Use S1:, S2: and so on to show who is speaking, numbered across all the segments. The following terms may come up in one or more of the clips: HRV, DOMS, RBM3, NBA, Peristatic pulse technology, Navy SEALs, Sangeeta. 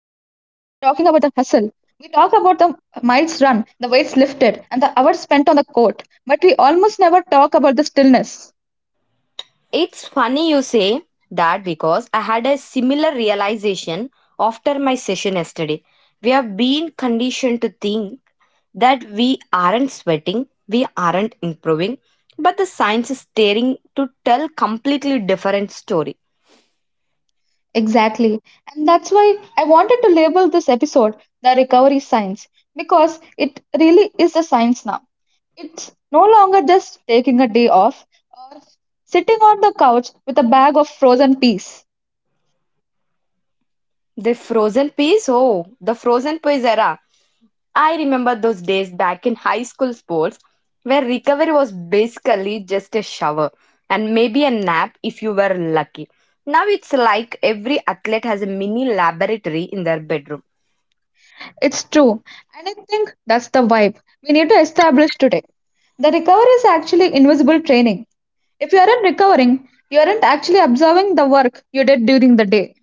S1: hustle. We talk about the miles run, the weights lifted, and the hours spent on the court, but we almost never talk about the stillness.
S2: It's funny you say that because I had a similar realization after my session yesterday. We have been conditioned to think that we aren't sweating, we aren't improving, but the science is staring to tell completely different story.
S1: Exactly. And that's why I wanted to label this episode the recovery science because it really is a science now. It's no longer just taking a day off or sitting on the couch with a bag of frozen peas.
S2: The frozen peas? Oh, the frozen peas era. I remember those days back in high school sports where recovery was basically just a shower and maybe a nap if you were lucky. Now it's like every athlete has a mini laboratory in their bedroom.
S1: It's true. And I think that's the vibe we need to establish today. The recovery is actually invisible training. If you aren't recovering, you aren't actually observing the work you did during the day.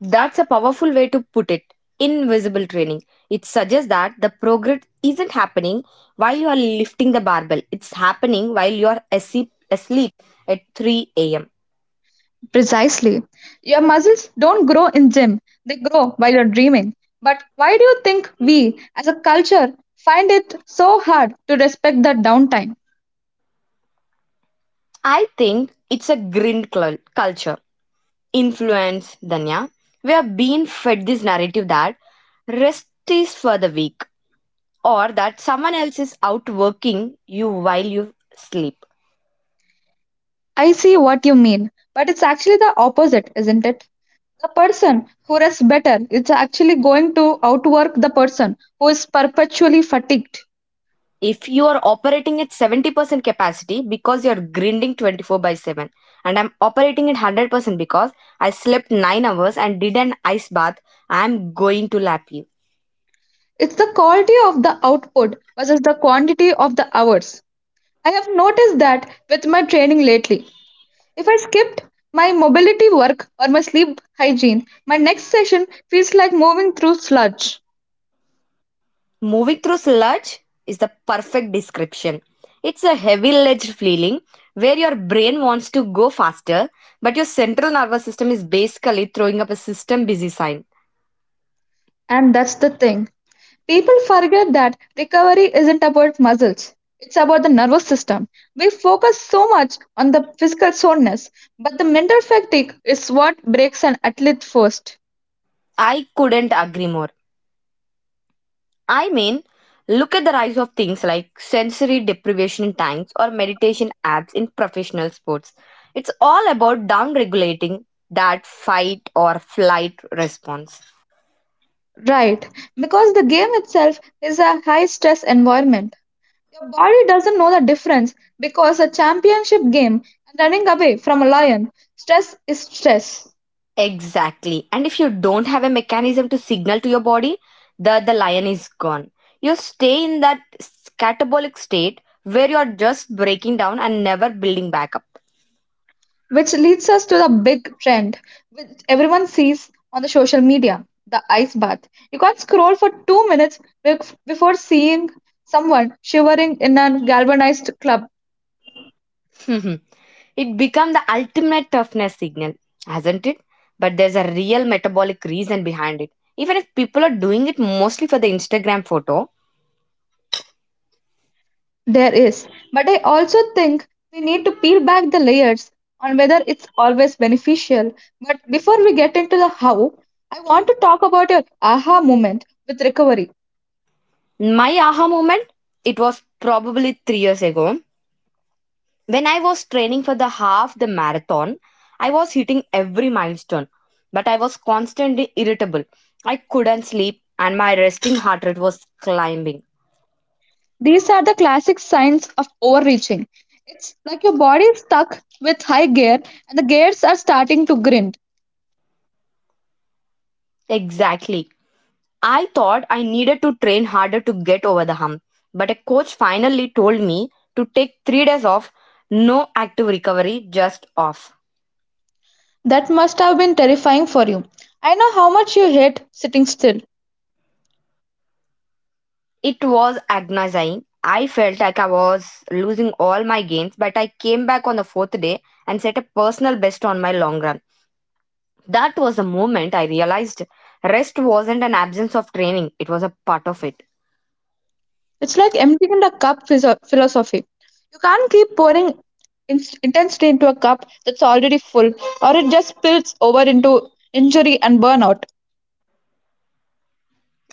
S2: That's a powerful way to put it. Invisible training. It suggests that the progress isn't happening while you are lifting the barbell, it's happening while you are asleep at 3 a.m.
S1: Precisely. Your muscles don't grow in gym, they grow while you're dreaming. But why do you think we, as a culture, find it so hard to respect that downtime?
S2: I think it's a culture influence, Danya. We are being fed this narrative that rest is for the weak or that someone else is out working you while you sleep.
S1: I see what you mean, but it's actually the opposite, isn't it? The person who rests better is actually going to outwork the person who is perpetually fatigued.
S2: If you are operating at 70% capacity because you're grinding 24 by 7, and I'm operating at 100% because I slept 9 hours and did an ice bath, I'm going to lap you.
S1: It's the quality of the output versus the quantity of the hours. I have noticed that with my training lately. If I skipped my mobility work or my sleep hygiene, my next session feels like moving through sludge.
S2: Moving through sludge is the perfect description. It's a heavy ledge feeling where your brain wants to go faster, but your central nervous system is basically throwing up a system busy sign.
S1: And that's the thing. People forget that recovery isn't about muscles, it's about the nervous system. We focus so much on the physical soreness, but the mental fatigue is what breaks an athlete first.
S2: I couldn't agree more. I mean, look at the rise of things like sensory deprivation tanks or meditation apps in professional sports. It's all about down regulating that fight or flight response.
S1: Right, because the game itself is a high stress environment. Your body doesn't know the difference because a championship game and running away from a lion, stress is stress.
S2: Exactly. And if you don't have a mechanism to signal to your body that the lion is gone, you stay in that catabolic state where you're just breaking down and never building back up.
S1: Which leads us to the big trend which everyone sees on the social media the ice bath. You can't scroll for 2 minutes before seeing someone shivering in a galvanized club.
S2: It becomes the ultimate toughness signal, hasn't it? But there's a real metabolic reason behind it. Even if people are doing it mostly for the Instagram photo,
S1: There is, but I also think we need to peel back the layers on whether it's always beneficial. But before we get into the how, I want to talk about your aha moment with recovery.
S2: my aha moment, it was probably 3 years ago. When I was training for the half the marathon, I was hitting every milestone, but I was constantly irritable. I couldn't sleep and my resting heart rate was climbing.
S1: These are the classic signs of overreaching. It's like your body is stuck with high gear and the gears are starting to grind.
S2: Exactly. I thought I needed to train harder to get over the hump, but a coach finally told me to take 3 days off, no active recovery, just off.
S1: That must have been terrifying for you. I know how much you hate sitting still.
S2: It was agonizing. I felt like I was losing all my gains, but I came back on the fourth day and set a personal best on my long run. That was the moment I realized rest wasn't an absence of training, it was a part of it.
S1: It's like emptying a cup philosophy. You can't keep pouring intensity into a cup that's already full, or it just spills over into injury and burnout.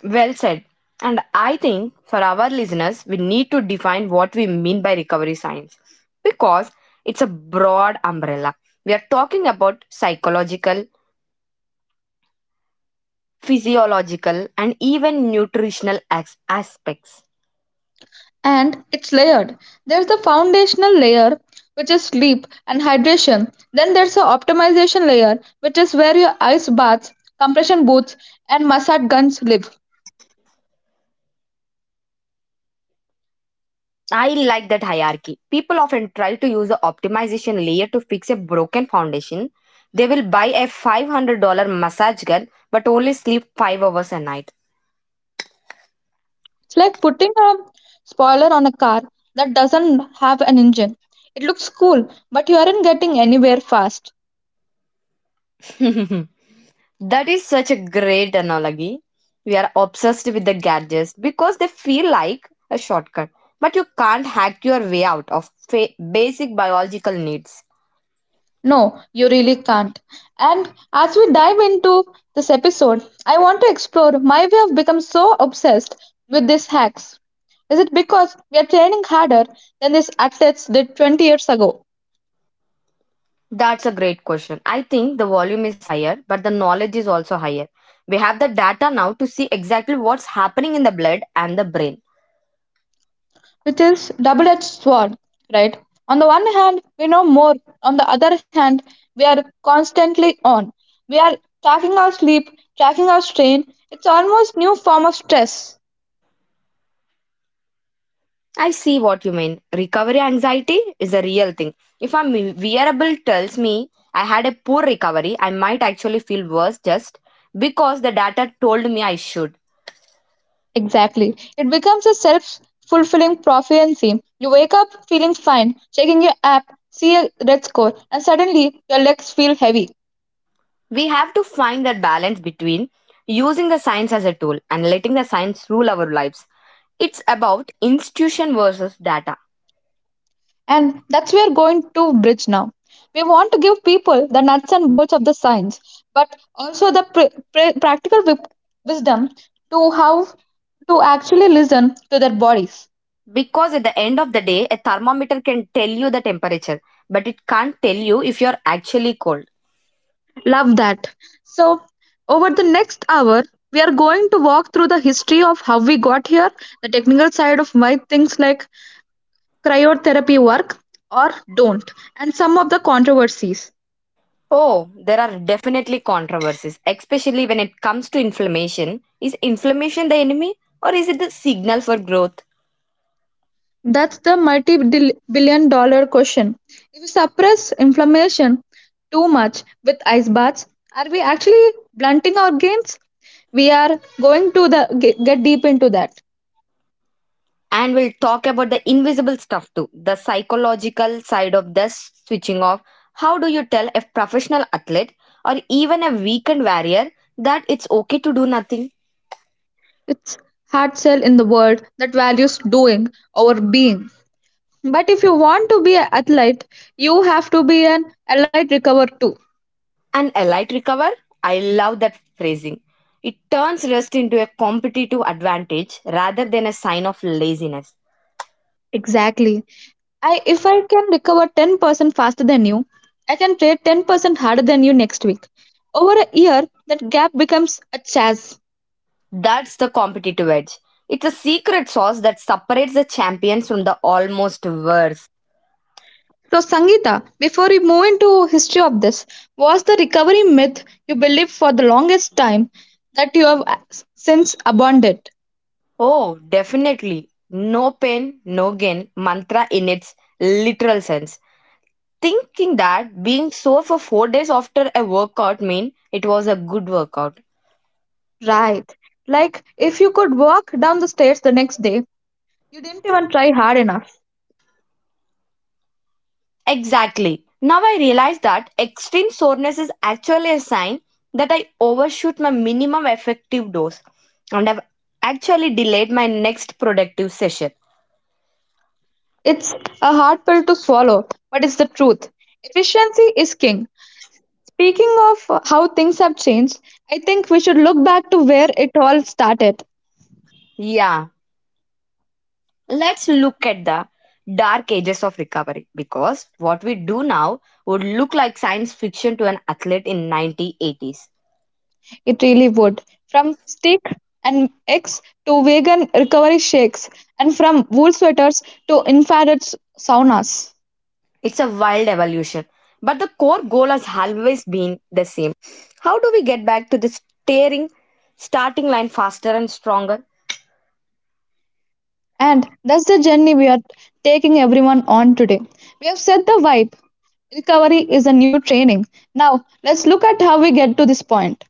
S2: Well said. And I think for our listeners, we need to define what we mean by recovery science because it's a broad umbrella. We are talking about psychological, physiological, and even nutritional aspects.
S1: And it's layered. There's the foundational layer, which is sleep and hydration. Then there's the optimization layer, which is where your ice baths, compression boots, and massage guns live.
S2: I like that hierarchy. People often try to use the optimization layer to fix a broken foundation. They will buy a $500 massage gun but only sleep 5 hours a night.
S1: It's like putting a spoiler on a car that doesn't have an engine. It looks cool, but you aren't getting anywhere fast.
S2: That is such a great analogy. We are obsessed with the gadgets because they feel like a shortcut, but you can't hack your way out of basic biological needs.
S1: No, you really can't. And as we dive into this episode, I want to explore my way of become so obsessed with these hacks. Is it because we are training harder than these athletes did 20 years ago?
S2: That's a great question. I think the volume is higher, but the knowledge is also higher. We have the data now to see exactly what's happening in the blood and the brain.
S1: Which is double-edged sword, right? On the one hand, we know more. On the other hand, we are constantly on. We are tracking our sleep, tracking our strain. It's almost new form of stress.
S2: I see what you mean. Recovery anxiety is a real thing. If a wearable tells me I had a poor recovery, I might actually feel worse just because the data told me I should.
S1: Exactly. It becomes a self fulfilling prophecy. You wake up feeling fine, checking your app, see a red score, and suddenly your legs feel heavy.
S2: We have to find that balance between using the science as a tool and letting the science rule our lives. It's about institution versus data.
S1: And that's where going to bridge now. We want to give people the nuts and bolts of the science, but also the practical wisdom to how to actually listen to their bodies.
S2: Because at the end of the day, a thermometer can tell you the temperature, but it can't tell you if you're actually cold.
S1: Love that. So, over the next hour, we are going to walk through the history of how we got here, the technical side of why things like cryotherapy work or don't, and some of the controversies.
S2: Oh, there are definitely controversies, especially when it comes to inflammation. Is inflammation the enemy or is it the signal for growth?
S1: That's the multi billion dollar question. If we suppress inflammation too much with ice baths, are we actually blunting our gains? We are going to get deep into that.
S2: And we'll talk about the invisible stuff too, the psychological side of the switching off. How do you tell a professional athlete or even a weekend warrior that it's okay to do nothing?
S1: It's hard sell in the world that values doing over being. But if you want to be an athlete, you have to be an allied recover too.
S2: An elite recover? I love that phrasing. It turns rest into a competitive advantage rather than a sign of laziness.
S1: Exactly. I If I can recover 10% faster than you, I can trade 10% harder than you next week. Over a year, that gap becomes a chase.
S2: That's the competitive edge. It's a secret sauce that separates the champions from the almost worst.
S1: So Sangeeta, before we move into history of this, was the recovery myth you believed for the longest time that you have since abandoned?
S2: Oh, definitely. No pain, no gain mantra in its literal sense. Thinking that being sore for 4 days after a workout mean it was a good workout.
S1: Right. Like if you could walk down the stairs the next day, you didn't even try hard enough.
S2: Exactly. Now I realize that extreme soreness is actually a sign that I overshoot my minimum effective dose and have actually delayed my next productive session.
S1: It's a hard pill to swallow, but it's the truth. Efficiency is king. Speaking of how things have changed, I think we should look back to where it all started.
S2: Yeah, let's look at the dark ages of recovery because what we do now would look like science fiction to an athlete in 1980s.
S1: It really would. From steak and eggs to vegan recovery shakes, and from wool sweaters to infrared saunas.
S2: It's a wild evolution, but the core goal has always been the same. How do we get back to the staring starting line faster and stronger?
S1: And that's the journey we are taking everyone on today. We have set the vibe. Recovery is a new training. Now, let's look at how we get to this point.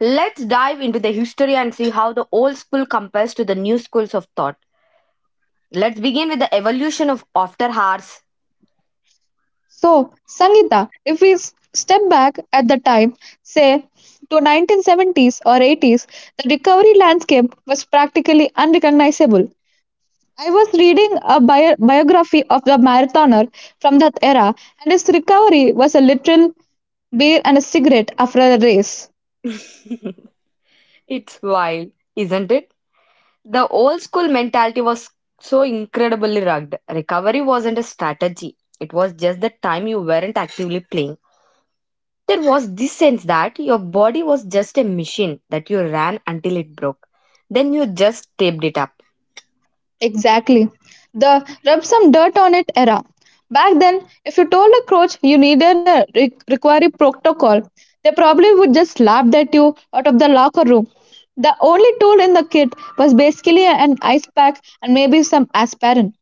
S2: Let's dive into the history and see how the old school compares to the new schools of thought. Let's begin with the evolution of after hours.
S1: So, Sangeeta, if we step back at the time, say to 1970s or 80s, the recovery landscape was practically unrecognizable. I was reading a biography of the marathoner from that era, and his recovery was a literal beer and a cigarette after a race.
S2: It's wild, isn't it? The old school mentality was so incredibly rugged. Recovery wasn't a strategy, it was just the time you weren't actively playing. There was this sense that your body was just a machine that you ran until it broke. Then you just taped it up.
S1: Exactly. The rub some dirt on it era. Back then, if you told a coach you needed a requiry protocol, they probably would just laugh at you out of the locker room. The only tool in the kit was basically an ice pack and maybe some aspirin.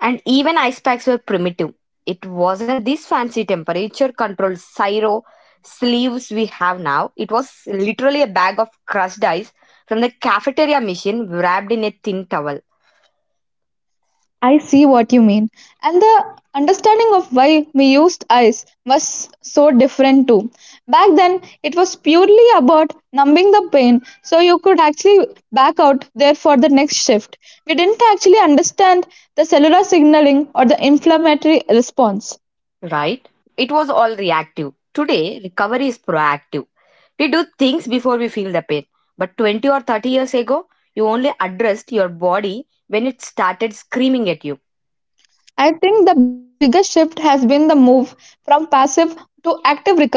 S2: And even ice packs were primitive. It wasn't this fancy temperature controlled Syro sleeves we have now. It was literally a bag of crushed ice from the cafeteria machine wrapped in a thin towel.
S1: I see what you mean. And the understanding of why we used ice was so different too. Back then, it was purely about numbing the pain so you could actually back out there for the next shift. We didn't actually understand the cellular signaling or the inflammatory response.
S2: Right? It was all reactive. Today, recovery is proactive. We do things before we feel the pain. But 20 or 30 years ago, you only addressed your body when it started screaming at you.
S1: I think the biggest shift has been the move from passive to active recovery.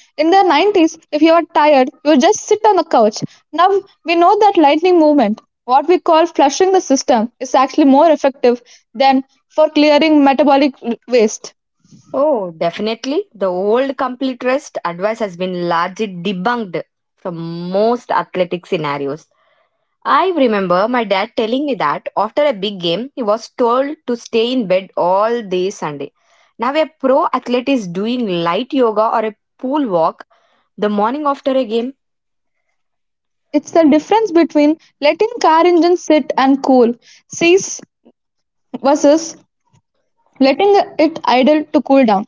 S1: In the 90s, if you are tired, you just sit on the couch. Now we know that lightning movement, what we call flushing the system, is actually more effective than for clearing metabolic waste.
S2: Oh, definitely. The old complete rest advice has been largely debunked from most athletic scenarios. I remember my dad telling me that after a big game, he was told to stay in bed all day Sunday. Now, a pro athlete is doing light yoga or a pool walk the morning after a game.
S1: It's the difference between letting car engine sit and cool, cease versus letting it idle to cool down.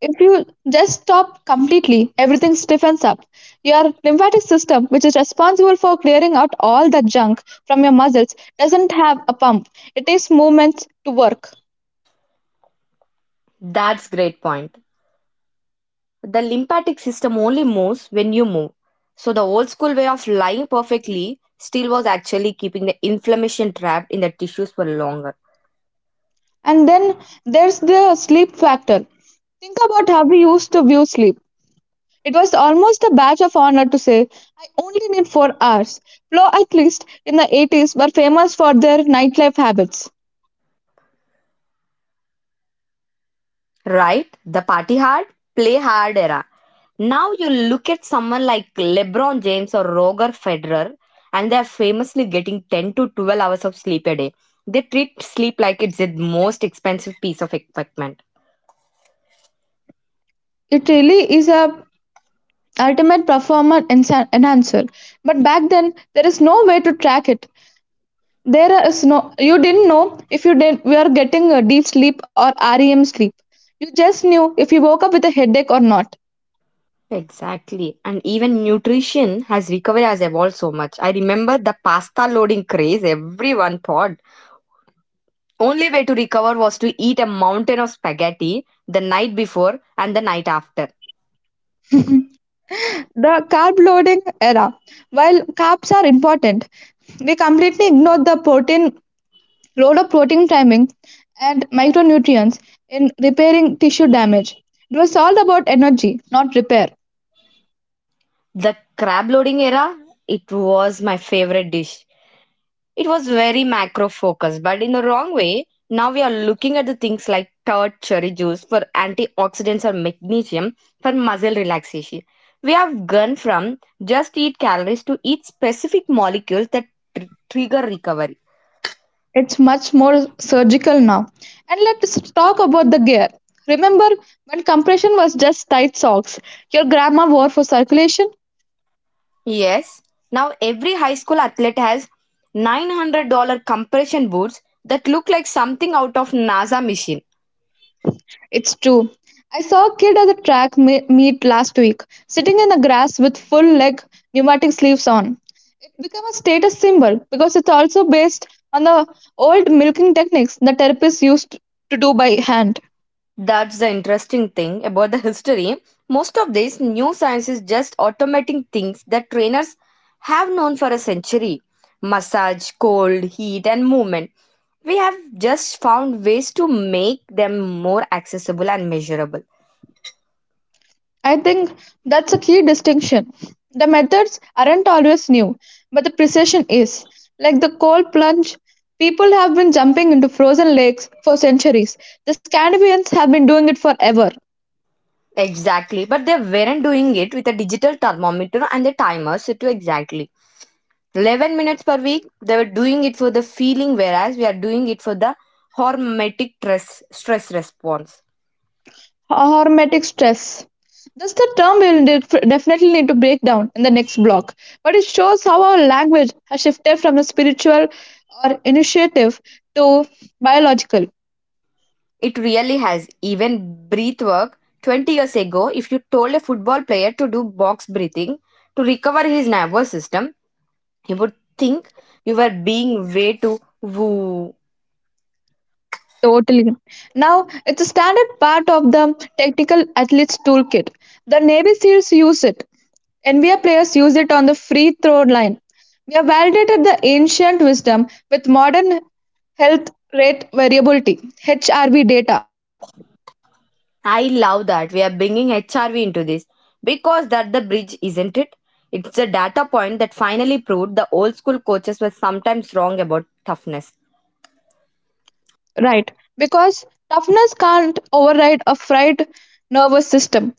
S1: If you just stop completely, everything stiffens up. Your lymphatic system, which is responsible for clearing out all the junk from your muscles, doesn't have a pump. It takes movements to work.
S2: That's great point. The lymphatic system only moves when you move. So the old school way of lying perfectly still was actually keeping the inflammation trapped in the tissues for longer.
S1: And then there's the sleep factor. Think about how we used to view sleep. It was almost a badge of honor to say, I only need 4 hours. Flow athletes in the 80s were famous for their nightlife habits.
S2: Right? The party hard, play hard era. Now you look at someone like LeBron James or Roger Federer, and they're famously getting 10 to 12 hours of sleep a day. They treat sleep like it's the most expensive piece of equipment.
S1: It really is a ultimate performance enhancer, but back then there is no way to track it. There is no, you didn't know if you did, we are getting a deep sleep or REM sleep. You just knew if you woke up with a headache or not.
S2: Exactly. And even nutrition has recovery has evolved so much. I remember the pasta loading craze everyone thought. Only way to recover was to eat a mountain of spaghetti the night before and the night after.
S1: The carb loading era, while carbs are important, we completely ignored the protein, role of protein timing and micronutrients in repairing tissue damage. It was all about energy, not repair.
S2: The crab loading era, it was my favorite dish. It was very macro focused, but in the wrong way. Now we are looking at the things like tart cherry juice for antioxidants and magnesium for muscle relaxation. We have gone from just eat calories to eat specific molecules that trigger recovery.
S1: It's much more surgical now. And let's talk about the gear. Remember when compression was just tight socks your grandma wore for circulation?
S2: Yes, now every high school athlete has $900 compression boots that look like something out of NASA machine.
S1: It's true. I saw a kid at the track meet last week, sitting in the grass with full leg pneumatic sleeves on. It became a status symbol because it's also based on the old milking techniques the therapists used to do by hand.
S2: That's the interesting thing about the history. Most of these new science is just automating things that trainers have known for a century. Massage, cold, heat, and movement. We have just found ways to make them more accessible and measurable.
S1: I think that's a key distinction. The methods aren't always new, but the precision is. Like the cold plunge, people have been jumping into frozen lakes for centuries. The Scandinavians have been doing it forever.
S2: Exactly, but they weren't doing it with a digital thermometer and a timer set to exactly 11 minutes per week. They were doing it for the feeling, whereas we are doing it for the stress response.
S1: Hormetic stress. That's the term we'll definitely need to break down in the next block. But it shows how our language has shifted from the spiritual or initiative to biological.
S2: It really has. Even breath work. 20 years ago, if you told a football player to do box breathing to recover his nervous system, he would think you were being way too woo.
S1: Totally. Now, it's a standard part of the tactical athlete's toolkit. The Navy SEALs use it. NBA players use it on the free throw line. We have validated the ancient wisdom with modern health rate variability HRV data.
S2: I love that. We are bringing HRV into this because that the bridge, isn't it? It's a data point that finally proved the old school coaches were sometimes wrong about toughness.
S1: Right, because toughness can't override a fried nervous system.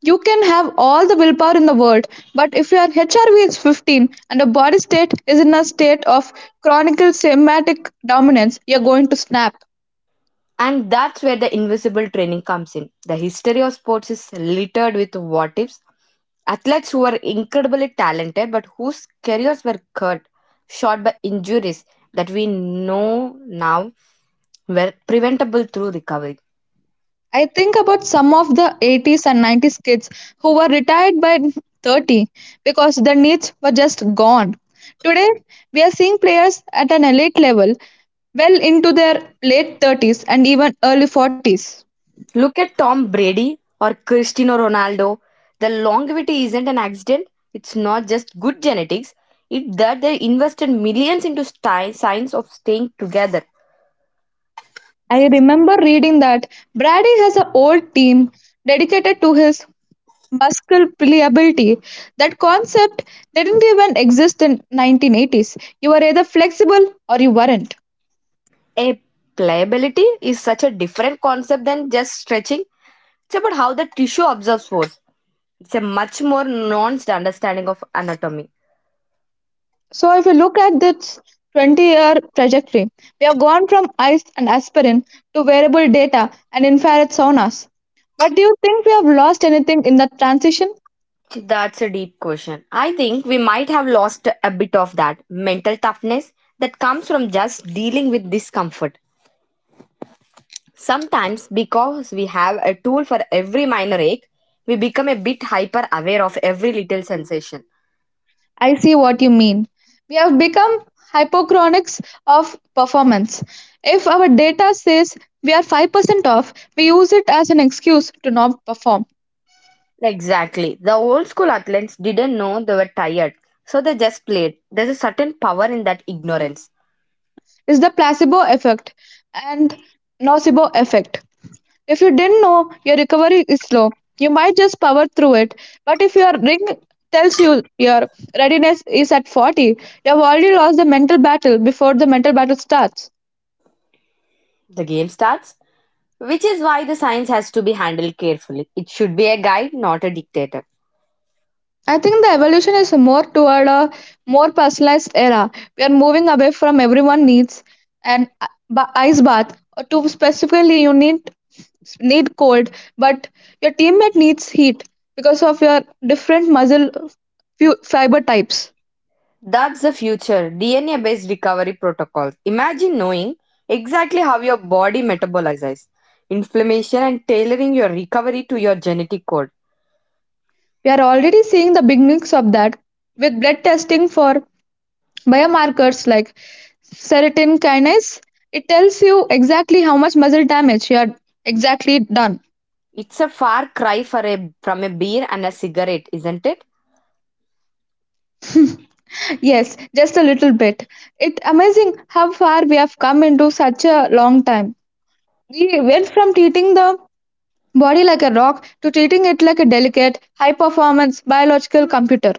S1: You can have all the willpower in the world, but if your HRV is 15 and your body state is in a state of chronic somatic dominance, you're going to snap.
S2: And that's where the invisible training comes in. The history of sports is littered with what ifs. Athletes who were incredibly talented but whose careers were cut short by injuries that we know now were preventable through recovery.
S1: I think about some of the 80s and 90s kids who were retired by 30 because their needs were just gone. Today, we are seeing players at an elite level well into their late 30s and even early 40s.
S2: Look at Tom Brady or Cristiano Ronaldo. The longevity isn't an accident, it's not just good genetics, it's that they invested millions into science of staying together.
S1: I remember reading that Brady has a whole team dedicated to his musculability. That concept didn't even exist in 1980s. You were either flexible or you weren't.
S2: A pliability is such a different concept than just stretching. It's about how the tissue absorbs force. It's a much more nuanced understanding of anatomy.
S1: So if you look at this 20-year trajectory, we have gone from ice and aspirin to wearable data and infrared saunas. But do you think we have lost anything in that transition?
S2: That's a deep question. I think we might have lost a bit of that mental toughness that comes from just dealing with discomfort. Sometimes, because we have a tool for every minor ache, we become a bit hyper aware of every little sensation.
S1: I see what you mean. We have become hypochronous of performance. If our data says we are 5% off, we use it as an excuse to not perform.
S2: Exactly. The old school athletes didn't know they were tired, so they just played. There's a certain power in that ignorance.
S1: It's the placebo effect and nocebo effect. If you didn't know your recovery is slow, you might just power through it. But if your ring tells you your readiness is at 40, you have already lost the mental battle before the mental battle starts.
S2: The game starts, which is why the science has to be handled carefully. It should be a guide, not a dictator.
S1: I think the evolution is more toward a more personalized era. We are moving away from everyone needs ice bath to specifically you need cold, but your teammate needs heat because of your different muscle fiber types.
S2: That's the future DNA based recovery protocols. Imagine knowing exactly how your body metabolizes inflammation and tailoring your recovery to your genetic code.
S1: We are already seeing the beginnings of that with blood testing for biomarkers like serotonin kinase. It tells you exactly how much muscle damage you are exactly done.
S2: It's a far cry from a beer and a cigarette, isn't it?
S1: Yes, just a little bit. It's amazing how far we have come into such a long time. We went from treating the body like a rock to treating it like a delicate, high performance biological computer.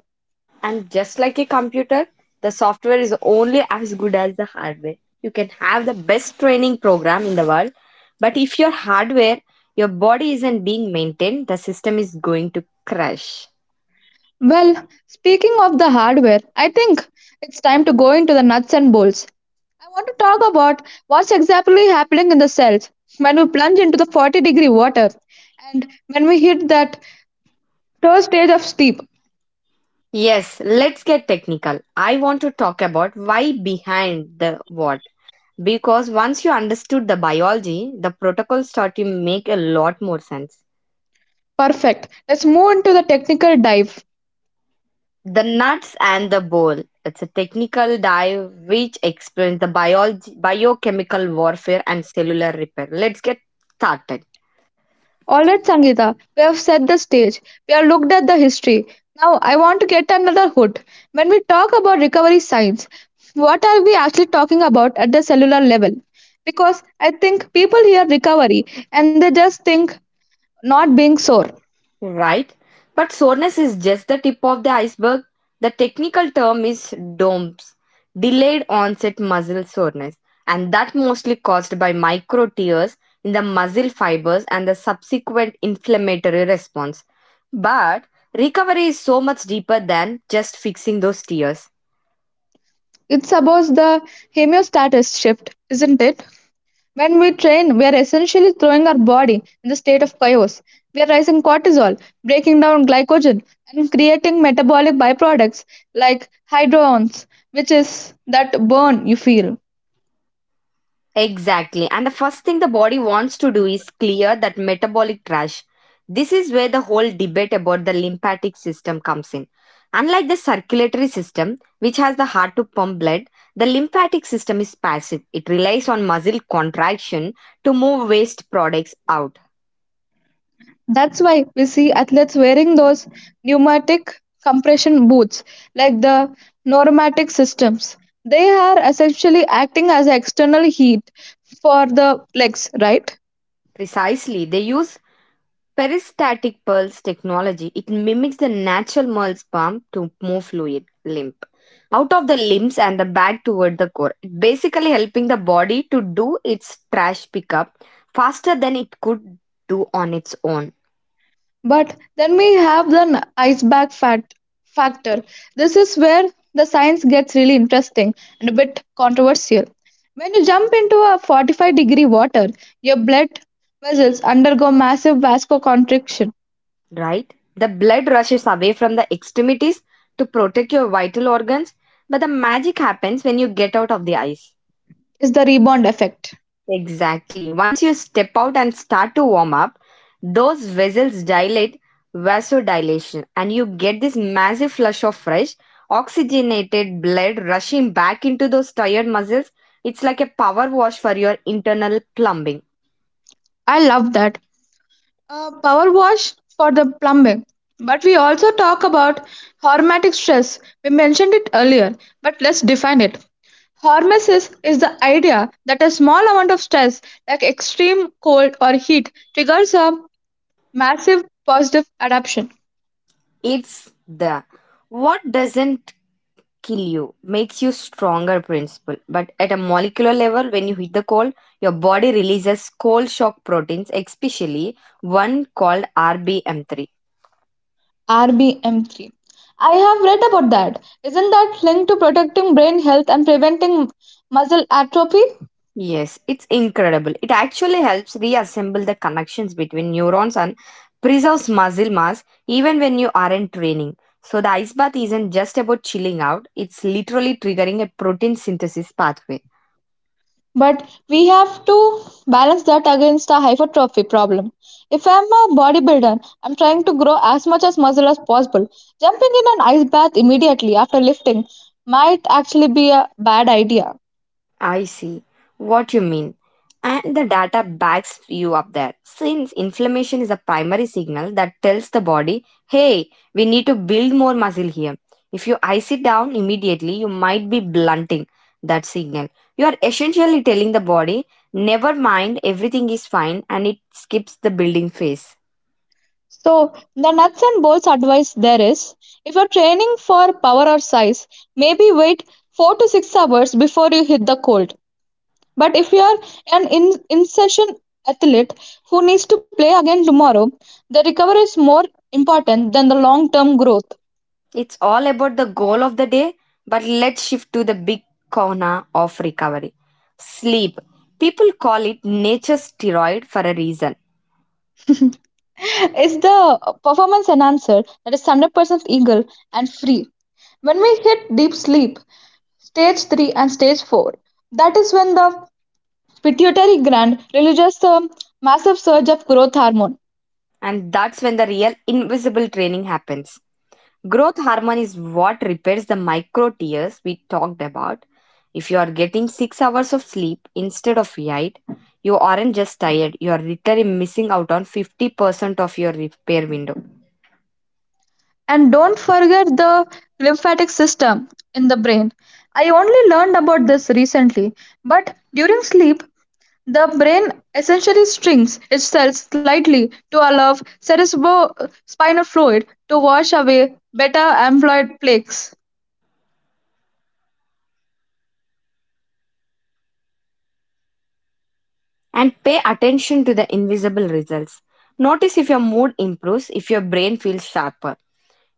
S2: And just like a computer, the software is only as good as the hardware. You can have the best training program in the world, but if your hardware, your body isn't being maintained, the system is going to crash.
S1: Well, speaking of the hardware, I think it's time to go into the nuts and bolts. I want to talk about what's exactly happening in the cells when we plunge into the 40-degree water and when we hit that third stage of sleep.
S2: Yes, let's get technical. I want to talk about why behind the what. Because once you understood the biology, the protocols start to make a lot more sense.
S1: Perfect. Let's move into the technical dive.
S2: The nuts and the bowl. It's a technical dive which explains the biology, biochemical warfare and cellular repair. Let's get started.
S1: All right, Sangeeta, we have set the stage. We have looked at the history. Now, I want to get another hood. When we talk about recovery science, what are we actually talking about at the cellular level? Because I think people hear recovery and they just think not being sore.
S2: Right? But soreness is just the tip of the iceberg. The technical term is DOMS, delayed onset muscle soreness, and that mostly caused by micro tears in the muscle fibers and the subsequent inflammatory response. But recovery is so much deeper than just fixing those tears.
S1: It's about the homeostatic shift, isn't it? When we train, we are essentially throwing our body in the state of chaos. We are raising cortisol, breaking down glycogen, and creating metabolic byproducts like hydrones, which is that burn you feel.
S2: Exactly. And the first thing the body wants to do is clear that metabolic trash. This is where the whole debate about the lymphatic system comes in. Unlike the circulatory system, which has the heart to pump blood, the lymphatic system is passive. It relies on muscle contraction to move waste products out.
S1: That's why we see athletes wearing those pneumatic compression boots, like the pneumatic systems. They are essentially acting as external heat for the legs, right?
S2: Precisely, they use Peristatic pulse technology, it mimics the natural pulse pump to move fluid lymph out of the limbs and the back toward the core. It basically helping the body to do its trash pickup faster than it could do on its own,
S1: But then we have the iceberg factor. This is where the science gets really interesting and a bit controversial. When you jump into a 45-degree water, your blood vessels undergo massive vascular constriction.
S2: right? The blood rushes away from the extremities to protect your vital organs, but the magic happens when you get out of the ice.
S1: Is the rebound effect.
S2: Exactly. Once you step out and start to warm up, those vessels dilate vasodilation and you get this massive flush of fresh oxygenated blood rushing back into those tired muscles. It's like a power wash for your internal plumbing.
S1: I love that. A power wash for the plumbing. But we also talk about hormetic stress. We mentioned it earlier, but let's define it. Hormesis is the idea that a small amount of stress, like extreme cold or heat, triggers a massive positive adaptation.
S2: It's the what doesn't kill you makes you stronger principle. But at a molecular level, when you hit the cold, your body releases cold shock proteins, especially one called RBM3.
S1: RBM3. I have read about that. Isn't that linked to protecting brain health and preventing muscle atrophy?
S2: Yes, it's incredible. It actually helps reassemble the connections between neurons and preserves muscle mass even when you aren't training. So the ice bath isn't just about chilling out, it's literally triggering a protein synthesis pathway.
S1: But we have to balance that against the hypertrophy problem. If I'm a bodybuilder, I'm trying to grow as much as muscle as possible. Jumping in an ice bath immediately after lifting might actually be a bad idea.
S2: I see what you mean. And the data backs you up there. Since inflammation is a primary signal that tells the body, hey, we need to build more muscle here. If you ice it down immediately, you might be blunting that signal. You are essentially telling the body, never mind, everything is fine, and it skips the building phase.
S1: So, the nuts and bolts advice there is if you're training for power or size, maybe wait 4 to 6 hours before you hit the cold. But if you are an in session athlete who needs to play again tomorrow, the recovery is more important than the long term growth.
S2: It's all about the goal of the day, but let's shift to the big corner of recovery sleep. People call it nature's steroid for a reason,
S1: It's the performance enhancer that is 100% eagle and free. When we hit deep sleep, stage 3 and stage 4, that is when the pituitary gland releases a massive surge of growth hormone.
S2: and that's when the real invisible training happens. Growth hormone is what repairs the micro tears we talked about. If you are getting 6 hours of sleep instead of 8, you aren't just tired, you are literally missing out on 50% of your repair window.
S1: And don't forget the lymphatic system in the brain. I only learned about this recently, but during sleep, the brain essentially strings its cells slightly to allow cerebrospinal fluid to wash away beta amyloid plaques.
S2: And pay attention to the invisible results. Notice if your mood improves, if your brain feels sharper,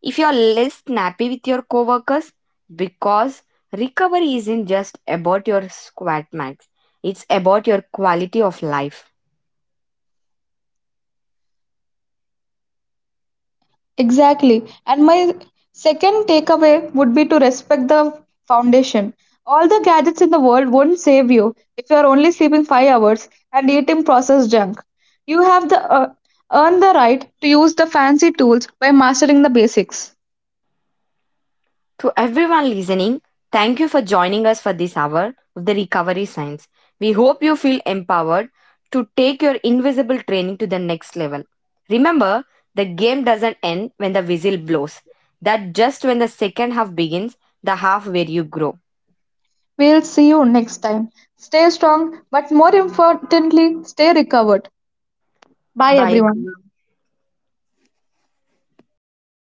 S2: if you're less snappy with your coworkers, because recovery isn't just about your squat max, it's about your quality of life.
S1: Exactly. And my second takeaway would be to respect the foundation. All the gadgets in the world won't save you if you are only sleeping 5 hours and eating processed junk. You have the earn the right to use the fancy tools by mastering the basics.
S2: To everyone listening, thank you for joining us for this hour of the recovery science. We hope you feel empowered to take your invisible training to the next level. Remember, the game doesn't end when the whistle blows. That just when the second half begins, the half where you grow.
S1: We'll see you next time. Stay strong, but more importantly, stay recovered. Bye
S2: Bye.
S1: everyone.